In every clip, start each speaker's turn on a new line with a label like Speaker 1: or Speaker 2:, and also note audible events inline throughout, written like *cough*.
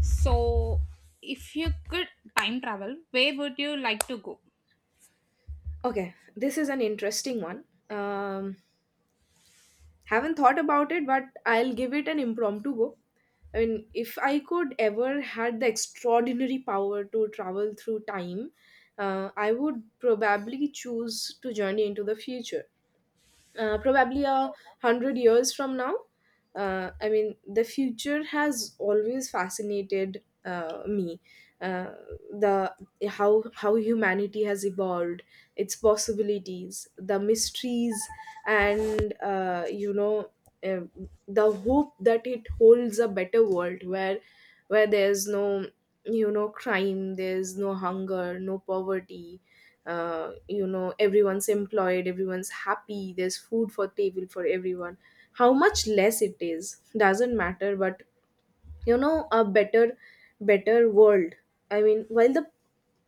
Speaker 1: So, if you could time travel, where would you like to go?
Speaker 2: Okay, this is an interesting one. Um, haven't thought about it, but I'll give it an impromptu go. I mean, if I could ever had the extraordinary power to travel through time, I would probably choose to journey into the future, probably 100 years from now. I mean, the future has always fascinated me. Uh, the how humanity has evolved, its possibilities, the mysteries, and uh, the hope that it holds a better world where there's no crime, there's no hunger, no poverty. Everyone's employed, everyone's happy, there's food for table for everyone. How much less it is doesn't matter, but a better world. I mean, while the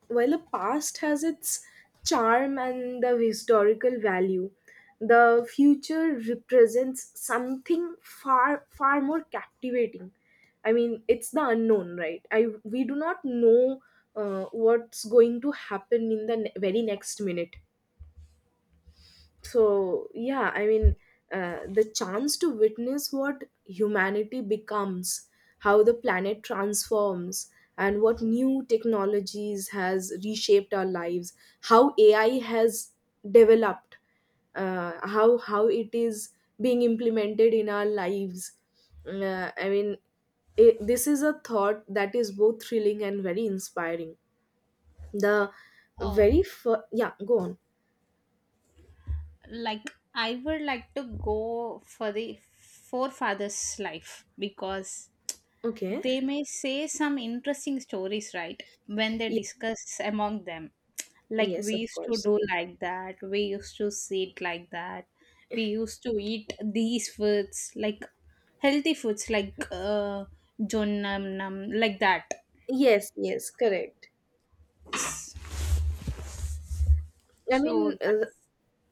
Speaker 2: while the past has its charm and the historical value, the future represents something far more captivating. I mean, it's the unknown, right? I We do not know what's going to happen in the very next minute. So yeah, I mean, the chance to witness what humanity becomes, how the planet transforms, and what new technologies has reshaped our lives, how AI has developed, how it is being implemented in our lives. I mean, this is a thought that is both thrilling and very inspiring. The
Speaker 1: Oh,
Speaker 2: yeah, go on.
Speaker 1: like, I would like to go for the forefathers' life because
Speaker 2: Okay.
Speaker 1: they may say some interesting stories, right? When they
Speaker 2: Yeah.
Speaker 1: discuss among them. Like,
Speaker 2: Yes,
Speaker 1: we
Speaker 2: of
Speaker 1: used to
Speaker 2: course.
Speaker 1: do like that, we used to sit like that, we used to eat these foods, like healthy foods, like jonam, nam, like that.
Speaker 2: Yes, yes, correct. I
Speaker 1: So,
Speaker 2: mean,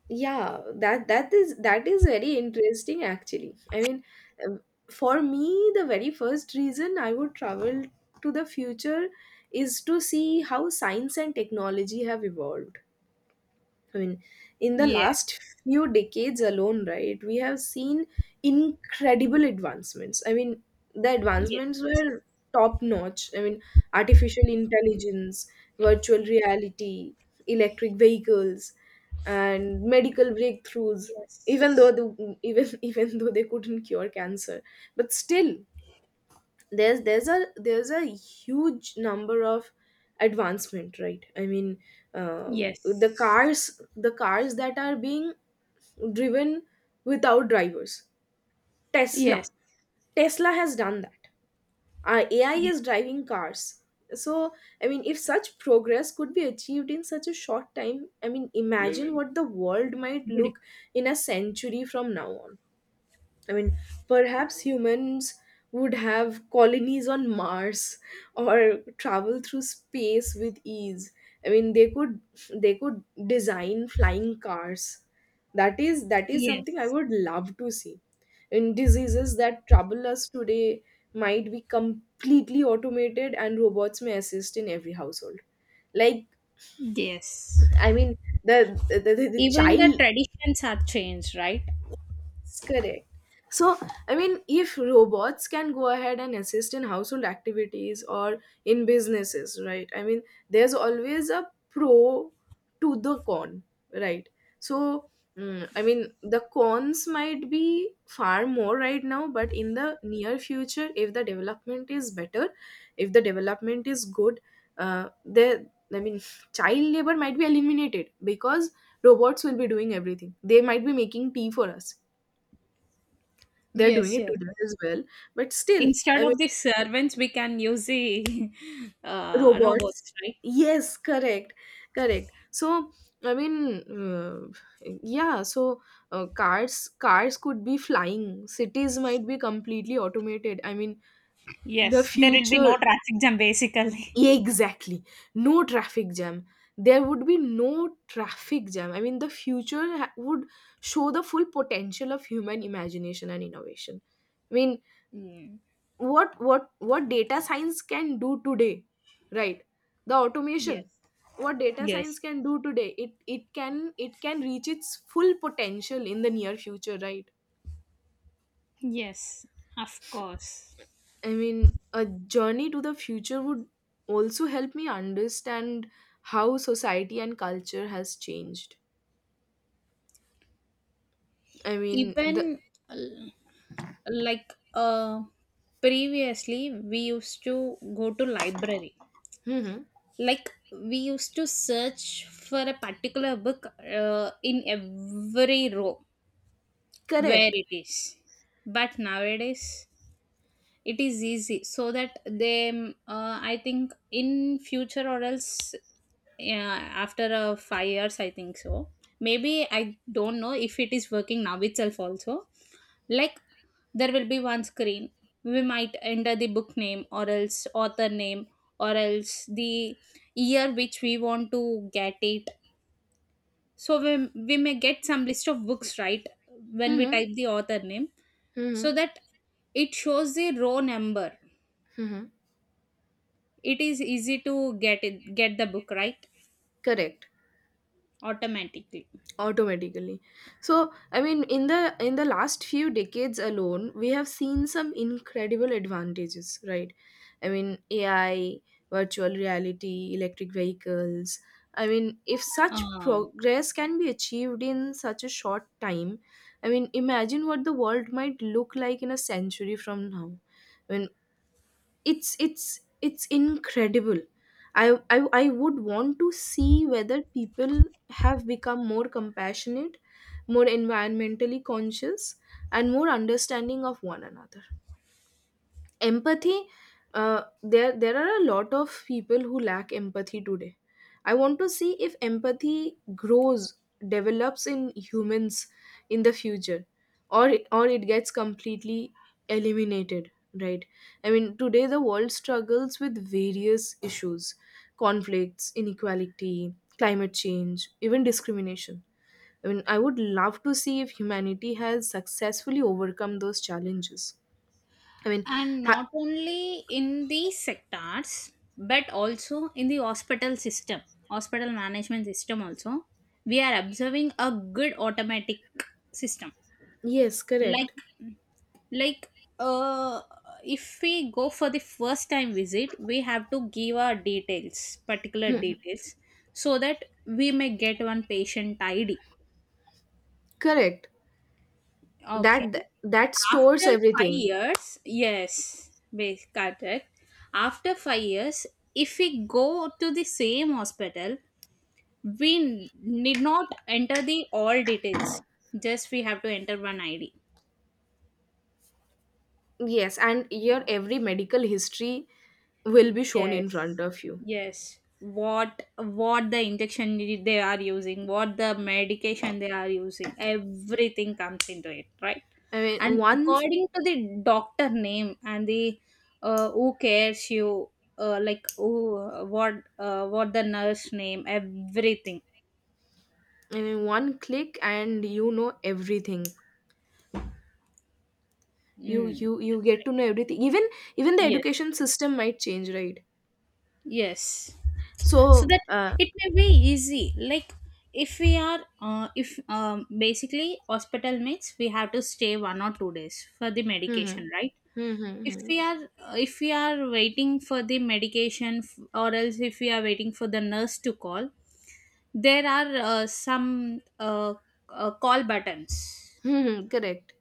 Speaker 2: yeah, that is very interesting actually. I mean, um, for me, the very first reason I would travel to the future is to see how science and technology have evolved. I mean, in the
Speaker 1: yes.
Speaker 2: last few decades alone, right, we have seen incredible advancements. I mean, the advancements
Speaker 1: Yes.
Speaker 2: were top notch. I mean, artificial intelligence, virtual reality, electric vehicles, and medical breakthroughs. Even though
Speaker 1: Yes.
Speaker 2: the, even *laughs* Even though they couldn't cure cancer, but still, there's a huge number of advancement, right? I mean, uh, the
Speaker 1: Yes.
Speaker 2: cars the cars that are being driven without drivers. tesla
Speaker 1: Yes.
Speaker 2: Tesla has done that. AI is
Speaker 1: Yes.
Speaker 2: driving cars. So, I mean, if such progress could be achieved in such a short time, I mean,
Speaker 1: Very
Speaker 2: imagine
Speaker 1: well.
Speaker 2: what the world might
Speaker 1: Good.
Speaker 2: look in a century from now on. I mean, perhaps humans would have colonies on Mars or travel through space with ease. I mean, they could design flying cars. That is something I
Speaker 1: Yes.
Speaker 2: would love to see. And diseases that trouble us today might be completely automated, and robots may assist in every household. Like,
Speaker 1: Yes.
Speaker 2: I mean, the
Speaker 1: Even the
Speaker 2: child.
Speaker 1: traditions are changed, right?
Speaker 2: Correct. So, I mean, if robots can go ahead and assist in household activities or in businesses, right? I mean, there's always a pro to the con, right? So, I mean, the cons might be far more right now, but in the near future, if the development is better, if the development is good, uh, there, I mean, child labor might be eliminated because robots will be doing everything. They might be making tea for us. They're doing
Speaker 1: Yes,
Speaker 2: it
Speaker 1: yes.
Speaker 2: today as well, but still,
Speaker 1: Instead
Speaker 2: I mean,
Speaker 1: of the servants, we can use the *laughs*
Speaker 2: robots.
Speaker 1: robots, right?
Speaker 2: Yes, correct. Correct. So, I mean, uh, yeah. So, cars could be flying, cities might be completely automated. I mean, the
Speaker 1: Yes, there will be no
Speaker 2: future.
Speaker 1: traffic jam basically.
Speaker 2: Yeah, exactly. No traffic jam. There would be no traffic jam. I mean, the future would show the full potential of human imagination and innovation. I mean,
Speaker 1: Mm.
Speaker 2: what data science can do today, right, the automation,
Speaker 1: Yes.
Speaker 2: what data science
Speaker 1: Yes.
Speaker 2: can do today, it can reach its full potential in the near future, right.
Speaker 1: Yes. Of course.
Speaker 2: I mean, a journey to the future would also help me understand how society and culture has changed. I mean, the.
Speaker 1: Even uh, like previously we used to go to library,
Speaker 2: Hmm.
Speaker 1: like we used to search for a particular book in every row where
Speaker 2: Correct.
Speaker 1: it is, but nowadays it is easy so that they, I think in future or else, yeah, after 5 years I think so, maybe I don't know if it is working now itself also. Like, there will be one screen, we might enter the book name or else author name or else the year which we want to get it, so we may get some list of books, right? When we
Speaker 2: Hmm.
Speaker 1: type the author name, so
Speaker 2: Hmm.
Speaker 1: that it shows the row number,
Speaker 2: Hmm.
Speaker 1: it is easy to get the book, right?
Speaker 2: Correct.
Speaker 1: Automatically.
Speaker 2: Automatically. So, I mean, in the last few decades alone we have seen some incredible advantages, right? I mean, AI, virtual reality, electric vehicles. I mean, if such
Speaker 1: Ah,
Speaker 2: progress can be achieved in such a short time, I mean, imagine what the world might look like in a century from now. I mean, it's incredible. I would want to see whether people have become more compassionate, more environmentally conscious, and more understanding of one another. Empathy. There are a lot of people who lack empathy today. I want to see if empathy grows, develops in humans in the future, or it gets completely eliminated, right. I mean, today the world struggles with various issues, conflicts, inequality, climate change, even discrimination. I mean, I would love to see if humanity has successfully overcome those challenges. I mean,
Speaker 1: and
Speaker 2: ha-
Speaker 1: not only in the sectors but also in the hospital system, hospital management system also, we are observing a good automatic system.
Speaker 2: Yes, correct.
Speaker 1: like like uh if we go for the first time visit, we have to give our details, particular details, so that we may get one patient ID.
Speaker 2: Correct.
Speaker 1: Okay.
Speaker 2: That stores
Speaker 1: After five
Speaker 2: everything.
Speaker 1: years, yes, correct. After 5 years, if we go to the same hospital, we need not enter the all details. Just we have to enter one ID.
Speaker 2: Yes, and your every medical history will be shown in
Speaker 1: Yes,
Speaker 2: front of you.
Speaker 1: yes. What the they are using, what the medication they are using, everything comes into it, right?
Speaker 2: I mean,
Speaker 1: And
Speaker 2: one
Speaker 1: according to the doctor name and the who cares you, like who, what the nurse name, everything.
Speaker 2: I mean, one click and you know everything. You
Speaker 1: Mm.
Speaker 2: you you get to know everything. Even the
Speaker 1: Yes.
Speaker 2: education system might change, right?
Speaker 1: Yes. So
Speaker 2: So,
Speaker 1: that it may be easy. Like, if we are if basically hospital means we have to stay 1 or 2 days for the
Speaker 2: hmm, hmm,
Speaker 1: medication, right?
Speaker 2: hmm, hmm,
Speaker 1: If
Speaker 2: hmm,
Speaker 1: we are if we are waiting for the medication, or else if we are waiting for the nurse to call, there are some call buttons.
Speaker 2: hmm, hmm, correct.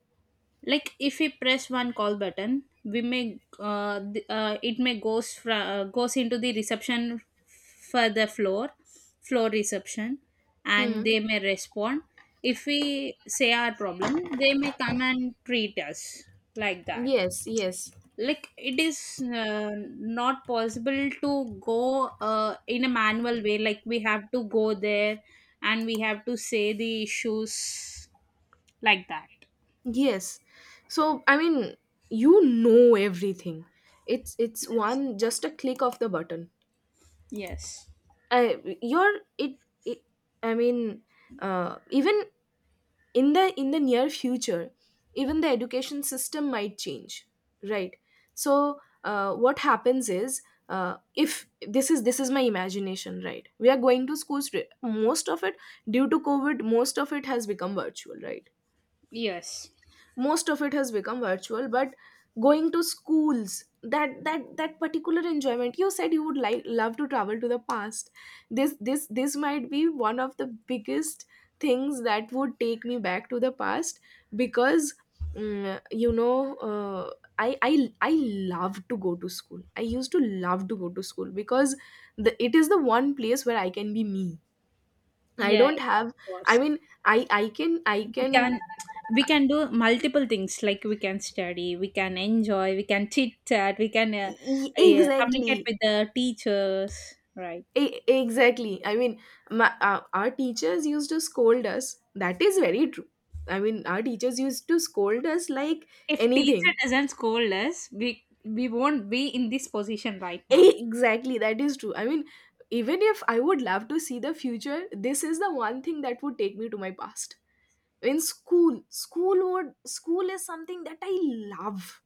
Speaker 1: Like, if we press one call button, we may it may goes into the reception, for the floor reception,
Speaker 2: Hmm.
Speaker 1: and
Speaker 2: Hmm.
Speaker 1: they may respond. If we say our problem, they may come and treat us, like that.
Speaker 2: Yes, yes.
Speaker 1: Like, it is not possible to go in a manual way, like we have to go there and we have to say the issues, like that.
Speaker 2: Yes. So, I mean, you know everything. It's
Speaker 1: Yes,
Speaker 2: one, just a click of the button.
Speaker 1: yes.
Speaker 2: I you're it, it I mean, even in the near future, even the education system might change, right? So what happens is. If this is my imagination, right, we are going to schools, most of it, due to COVID, most of it has become virtual, right.
Speaker 1: Yes.
Speaker 2: Most of it has become virtual, but going to schools, that particular enjoyment. You said you would like, love to travel to the past. This might be one of the biggest things that would take me back to the past, because mm, you know uh, I love to go to school. I used to love to go to school because it is the one place where I can be me. I
Speaker 1: Yes,
Speaker 2: don't have,
Speaker 1: of
Speaker 2: I
Speaker 1: course.
Speaker 2: mean, I
Speaker 1: We
Speaker 2: can
Speaker 1: can we can do multiple things, like we can study, we can enjoy, we can chit chat, we can communicate
Speaker 2: Exactly.
Speaker 1: with the teachers, right?
Speaker 2: Exactly. I mean, our teachers used to scold us. That is very true. I mean, our teachers used to scold us like
Speaker 1: If teacher
Speaker 2: anything. *laughs*
Speaker 1: doesn't scold us, we won't be in this position right now.
Speaker 2: Exactly, that is true. I mean, even if I would love to see the future, this is the one thing that would take me to my past. In school, school would school is something that I love.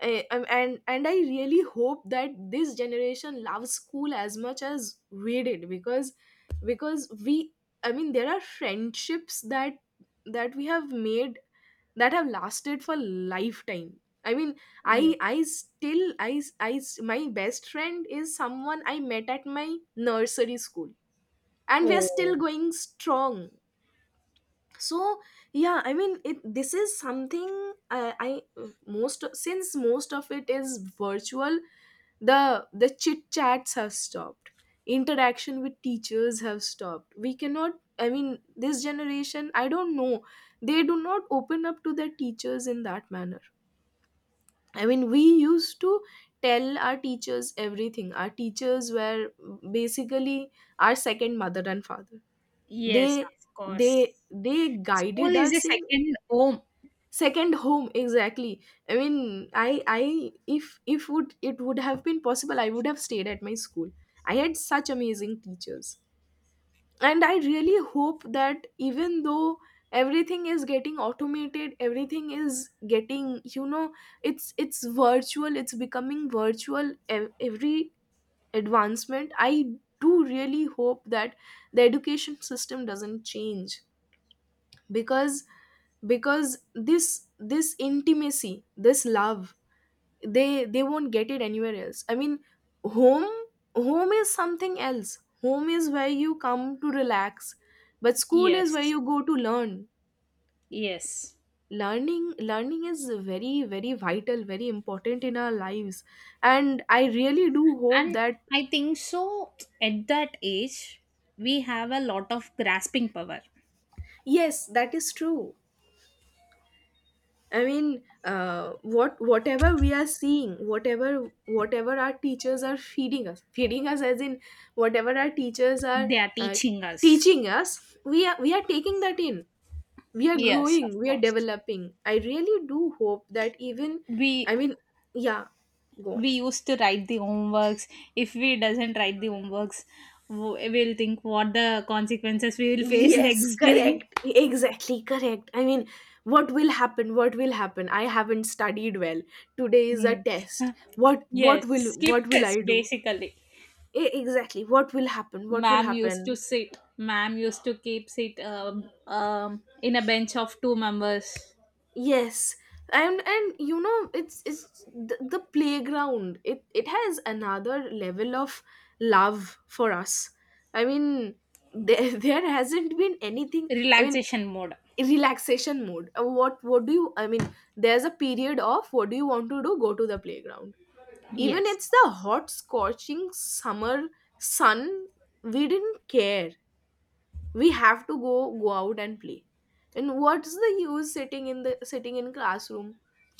Speaker 2: And I really hope that this generation loves school as much as we did, because we, I mean, there are friendships that we have made that have lasted for lifetime. I mean,
Speaker 1: Yeah.
Speaker 2: I still I my best friend is someone I met at my nursery school, and we are still
Speaker 1: Oh,
Speaker 2: going strong. So yeah, I mean, it this is something. I most Since most of it is virtual, the the chit chats have stopped, interaction with teachers have stopped. We cannot, I mean, this generation, I don't know. They do not open up to their teachers in that manner. I mean, we used to tell our teachers everything. Our teachers were basically our second mother and father. they
Speaker 1: yes, of
Speaker 2: they
Speaker 1: course.
Speaker 2: they
Speaker 1: School
Speaker 2: guided
Speaker 1: is a
Speaker 2: us in —
Speaker 1: second home.
Speaker 2: second home, exactly. I mean, I if would It would have been possible, I would have stayed at my school. I had such amazing teachers. And I really hope that even though everything is getting automated, everything is getting, you know, it's virtual, it's becoming virtual, every advancement, I do really hope that the education system doesn't change, because, this intimacy, this love, they won't get it anywhere else. I mean, home home is something else. Home is where you come to relax, but school is where
Speaker 1: Yes.
Speaker 2: you go to learn.
Speaker 1: Yes.
Speaker 2: Learning is very vital, very important in our lives. And I really do hope
Speaker 1: And
Speaker 2: that.
Speaker 1: I think so, at that age we have a lot of grasping power.
Speaker 2: Yes, that is true. I mean, whatever we are seeing, whatever our teachers are feeding us as in whatever our teachers are
Speaker 1: They are
Speaker 2: uh,
Speaker 1: teaching us.
Speaker 2: teaching us, we are taking that in. We are
Speaker 1: Yes, of
Speaker 2: growing, we are
Speaker 1: course.
Speaker 2: developing. I really do hope that even,
Speaker 1: We
Speaker 2: I mean, yeah, go on.
Speaker 1: used to write the homeworks. If we doesn't write the homeworks, we'll think what the consequences we will *laughs* face
Speaker 2: Yes,
Speaker 1: next day. *laughs*
Speaker 2: correct. Exactly correct. I mean, what will happen? What will happen? I haven't studied well. Today is a
Speaker 1: Mm.
Speaker 2: test. What what
Speaker 1: Yes,
Speaker 2: will
Speaker 1: skip
Speaker 2: what will I
Speaker 1: test
Speaker 2: do?
Speaker 1: basically.
Speaker 2: Exactly what will happen, what will
Speaker 1: Ma'am used to
Speaker 2: happen.
Speaker 1: sit. Ma'am used to keep sit in a bench of two members.
Speaker 2: Yes, and you know it's the playground, it has another level of love for us. i mean there *laughs* there hasn't been anything. i mean
Speaker 1: Relaxation mode.
Speaker 2: Relaxation mode. What do you, I mean, there's a period of what do you want to do? Go to the playground. Even
Speaker 1: Yes.
Speaker 2: it's the hot scorching summer sun, we didn't care, we have to go, go out and play. And what's the use sitting in the, sitting in classroom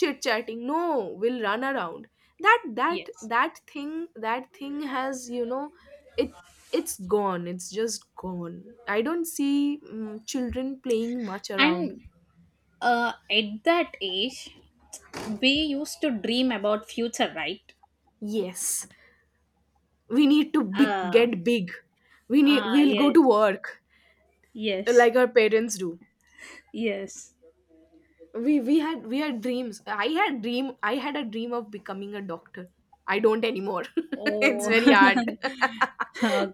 Speaker 2: chit chatting? No, we'll run around. that that
Speaker 1: Yes,
Speaker 2: that thing, that thing has, you know, it it's gone, it's just gone. I don't see children playing much around.
Speaker 1: and at that age, we used to dream about future, right?
Speaker 2: Yes, we need to big,
Speaker 1: Ah,
Speaker 2: get big. We need,
Speaker 1: ah,
Speaker 2: we'll go
Speaker 1: yes,
Speaker 2: to work
Speaker 1: yes,
Speaker 2: like our parents do.
Speaker 1: yes.
Speaker 2: We had we had dreams. I had dream, I had a dream of becoming a doctor. I don't anymore. *laughs* It's
Speaker 1: Oh.
Speaker 2: very hard.
Speaker 1: *laughs*
Speaker 2: *laughs*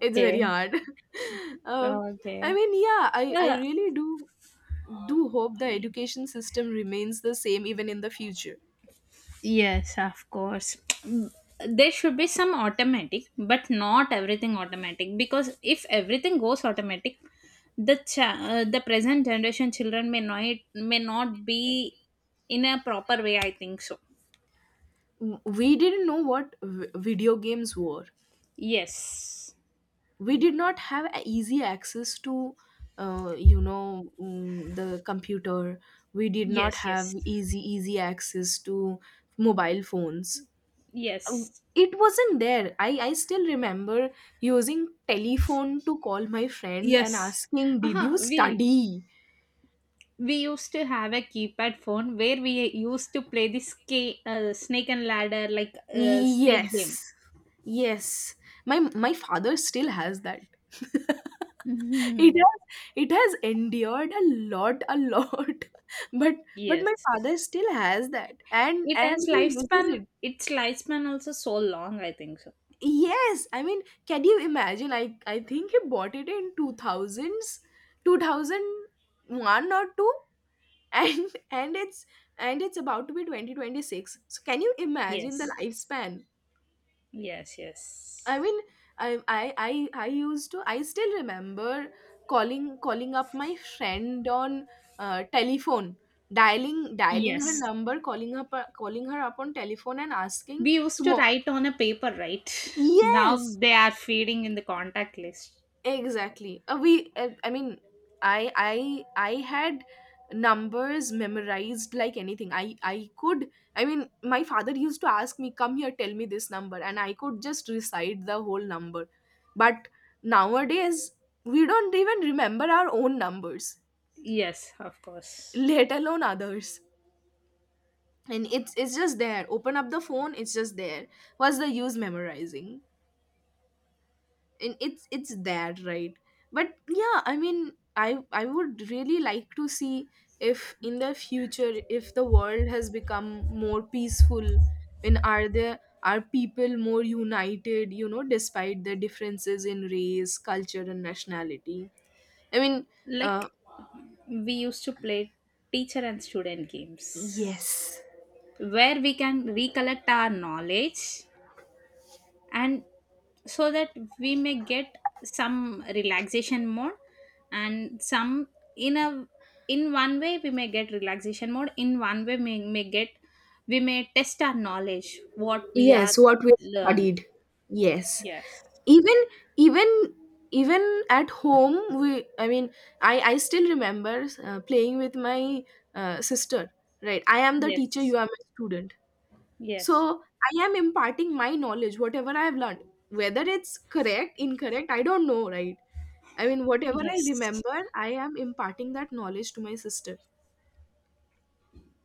Speaker 2: It's very hard. *laughs* um, I
Speaker 1: Okay.
Speaker 2: mean, yeah, I
Speaker 1: Uh,
Speaker 2: really do do hope the education system remains the same even in the future.
Speaker 1: yes, of course. Mm, there should be some automatic but not everything automatic, because if everything goes automatic, the the present generation children may not be in a proper way, I think so.
Speaker 2: We didn't know what video games were.
Speaker 1: Yes,
Speaker 2: We did not have a easy access to, you know, the computer. We did not
Speaker 1: yes,
Speaker 2: have
Speaker 1: yes.
Speaker 2: easy access to mobile phones. Uh,
Speaker 1: Yes.
Speaker 2: it wasn't there. I still remember using telephone to call my friend and
Speaker 1: Yes.
Speaker 2: asking, did
Speaker 1: Uh-huh.
Speaker 2: you study?
Speaker 1: We used to have a keypad phone where we used to play this, snake and ladder, like snake game.
Speaker 2: Yes. Yes. My father still has that. *laughs*
Speaker 1: *laughs*
Speaker 2: It
Speaker 1: Mhm.
Speaker 2: has, it has endured a lot. *laughs* But but my
Speaker 1: Yes.
Speaker 2: father still has that, and
Speaker 1: It has
Speaker 2: and he uses
Speaker 1: lifespan.
Speaker 2: it.
Speaker 1: Its lifespan also so long, I think so.
Speaker 2: Yes. I mean, can you imagine? I think he bought it in 2000s, 2001 or 2. *laughs* And it's, and it's about to be 2026. So can you imagine the
Speaker 1: Yes.
Speaker 2: lifespan?
Speaker 1: Yes.
Speaker 2: I
Speaker 1: Yes.
Speaker 2: mean, I used to. I still remember calling up my friend on telephone, dialing her
Speaker 1: Yes.
Speaker 2: number, calling her, calling her up on telephone, and asking
Speaker 1: We used to
Speaker 2: tomorrow.
Speaker 1: write on a paper, right? Now
Speaker 2: Yes,
Speaker 1: they are feeding in the contact list.
Speaker 2: exactly. Uh, we uh, i mean, I had numbers memorized like anything. I could I mean My father used to ask me, come here, tell me this number, and I could just recite the whole number. But nowadays we don't even remember our own numbers,
Speaker 1: Yes, of course.
Speaker 2: let alone others. And it's just there, open up the phone, it's just there. What's the use memorizing? And it's there, right? But yeah, I would really like to see if in the future, if the world has become more peaceful, and are there, are people more united, you know, despite the differences in race, culture and nationality. i mean uh
Speaker 1: Like, we used to play teacher and student games,
Speaker 2: yes.
Speaker 1: where we can recollect our knowledge, and so that we may get some relaxation mode, and some, in a, in one way we may get relaxation mode, in one way may get, we may test our knowledge, what we are
Speaker 2: Yes, what we
Speaker 1: learned.
Speaker 2: studied. Yes.
Speaker 1: Yes,
Speaker 2: Even even Even at home we, I still remember playing with my sister, right? I am the teacher,
Speaker 1: yes,
Speaker 2: you are my student.
Speaker 1: yes,
Speaker 2: So I am imparting my knowledge whatever I have learned. Whether it's correct, incorrect, I don't know, right? I mean whatever I
Speaker 1: yes,
Speaker 2: remember, I am imparting that knowledge to my sister.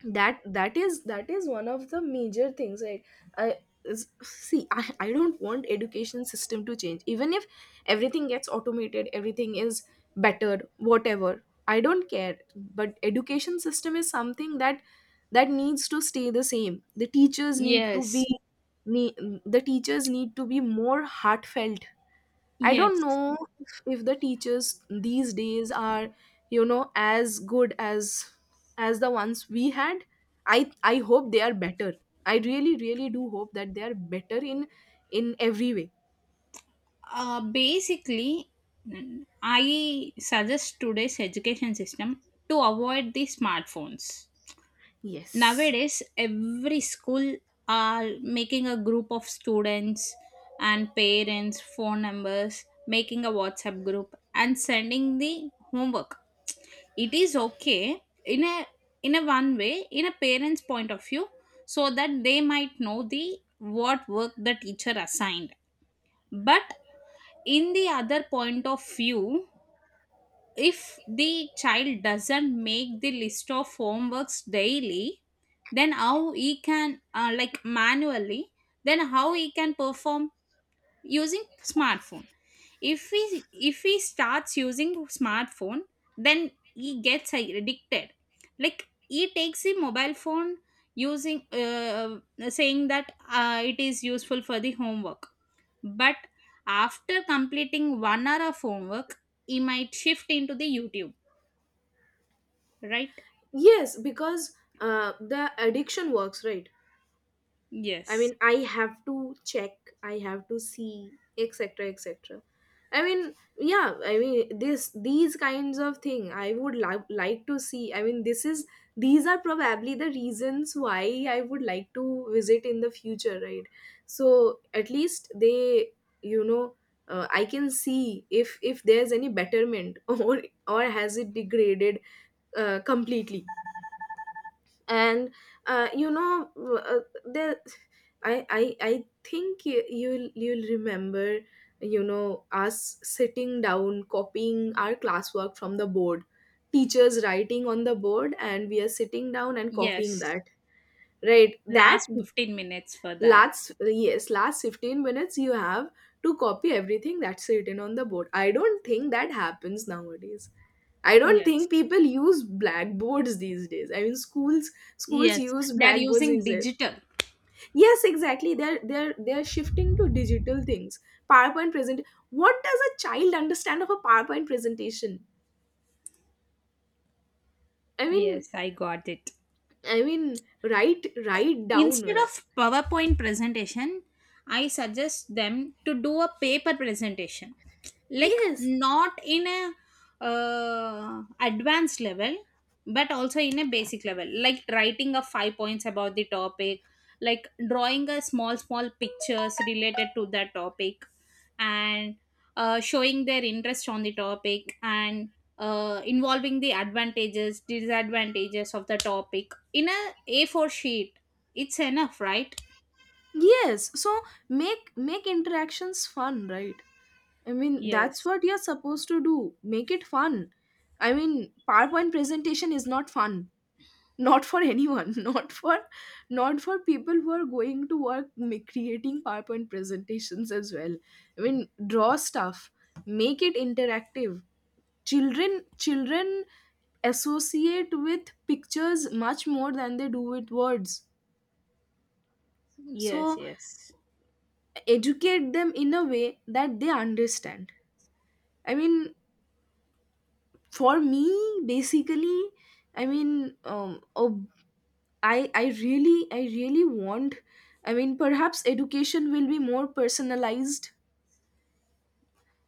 Speaker 2: That is one of the major things. Like, i see, I don't want education system to change. Even if everything gets automated, everything is bettered, whatever, I don't care. But education system is something that, that needs to stay the same. The teachers need to be,
Speaker 1: yes,
Speaker 2: need, the teachers need to be more heartfelt. I don't
Speaker 1: yes.
Speaker 2: know if the teachers these days are, you know, as good as the ones we had. I hope they are better. I really really do hope that they are better in every way.
Speaker 1: Basically, mm, I suggest today's education system to avoid the smartphones.
Speaker 2: Yes.
Speaker 1: Nowadays, every school are making a group of students and parents, phone numbers, making a WhatsApp group and sending the homework. It is okay in a, in a one way, in a parent's point of view, so that they might know the what work the teacher assigned. But in the other point of view, if the child doesn't make the list of homeworks daily, then how he can like manually, then how he can perform using smartphone? If he if he starts using smartphone, then he gets addicted. Like, he takes the mobile phone using saying that it is useful for the homework, but after completing 1 hour of homework, he might shift into the YouTube, right?
Speaker 2: Yes, because the addiction works, right? I
Speaker 1: Yes.
Speaker 2: mean, I have to check, I have to see, etc., etc. I mean, yeah, I mean, this, these kinds of thing I would like to see. I mean, this is, these are probably the reasons why I would like to visit in the future, right? So at least they, you know, I can see if there's any betterment *laughs* or has it degraded completely. And you know uh, there I think you, you'll remember, you know, us sitting down copying our classwork from the board, teachers writing on the board and we are sitting down and copying
Speaker 1: Yes.
Speaker 2: that, right? That
Speaker 1: Last 15 minutes for that.
Speaker 2: last, yes, last 15 minutes you have to copy everything that's written on the board. I don't think that happens nowadays. I don't
Speaker 1: Yes.
Speaker 2: think people use blackboards these days. I mean, schools, schools
Speaker 1: Yes.
Speaker 2: use
Speaker 1: They're
Speaker 2: blackboards
Speaker 1: using
Speaker 2: these days.
Speaker 1: digital.
Speaker 2: Yes, exactly. They're they're shifting to digital things. PowerPoint present. What does a child understand of a PowerPoint presentation? I mean,
Speaker 1: Yes, I got it.
Speaker 2: I mean, write, write down,
Speaker 1: Instead
Speaker 2: right?
Speaker 1: of PowerPoint presentation, I suggest them to do a paper presentation. Like,
Speaker 2: Yes,
Speaker 1: not in a advanced level but also in a basic level, like writing a five points about the topic, like drawing a small pictures related to that topic, and showing their interest on the topic, and involving the advantages disadvantages of the topic in a A4 sheet, it's enough, right?
Speaker 2: yes. So make, make interactions fun, right? I mean, that's
Speaker 1: Yes,
Speaker 2: what you're supposed to do. Make it fun. I mean, PowerPoint presentation is not fun. Not for anyone, *laughs* not for, not for people who are going to work creating PowerPoint presentations as well. I mean, draw stuff, make it interactive. Children associate with pictures much more than they do with words.
Speaker 1: yes,
Speaker 2: So
Speaker 1: yes,
Speaker 2: educate them in a way that they understand. I mean for me basically I mean a I really want, I mean, perhaps education will be more personalized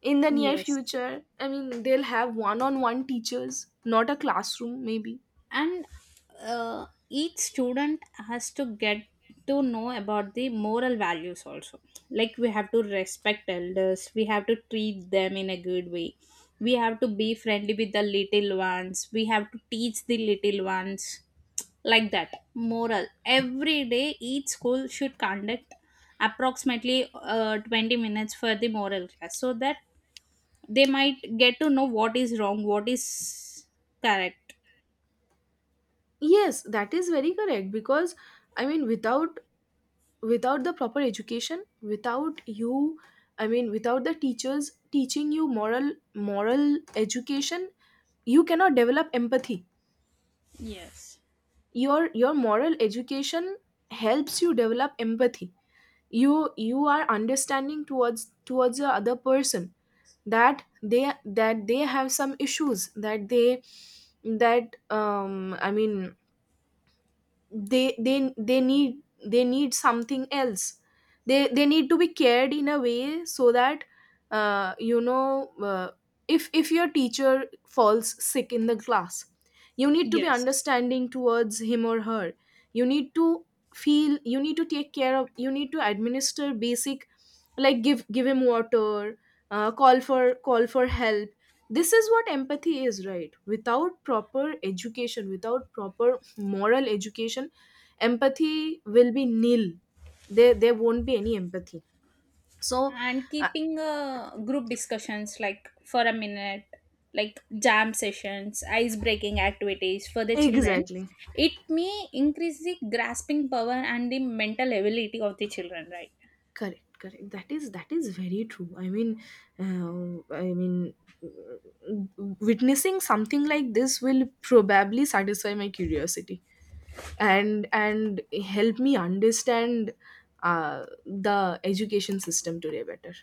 Speaker 2: in the near
Speaker 1: yes,
Speaker 2: future. I mean they'll have one-on-one teachers, not a classroom maybe.
Speaker 1: and each student has to get to know about the moral values also. Like, we have to respect elders, we have to treat them in a good way, we have to be friendly with the little ones, we have to teach the little ones, like that moral. Every day each school should conduct approximately 20 minutes for the moral class, so that they might get to know what is wrong, what is correct.
Speaker 2: Yes, that is very correct. Because without, without the proper education, without you, I mean without the teachers teaching you moral education, you cannot develop empathy.
Speaker 1: Yes.
Speaker 2: Your moral education helps you develop empathy. You are understanding towards, towards the other person, that they, that they have some issues, that they, that, they, they need, they need something else. They need to be cared in a way so that, you know, if your teacher falls sick in the class, you need to be
Speaker 1: Yes.
Speaker 2: understanding towards him or her. You need to feel, you need to take care of, you need to administer basic, like give, give him water, call for, call for help. This is what empathy is, right? Without proper education, without proper moral education, empathy will be nil. There won't be any empathy. So,
Speaker 1: And
Speaker 2: uh,
Speaker 1: keeping group discussions like for a minute, like jam sessions, ice breaking activities for the children,
Speaker 2: exactly,
Speaker 1: it may increase the grasping power and the mental ability of the children, right?
Speaker 2: correct, correct. That is, that is very true. Uh, i mean Witnessing something like this will probably satisfy my curiosity, and help me understand, the education system today better.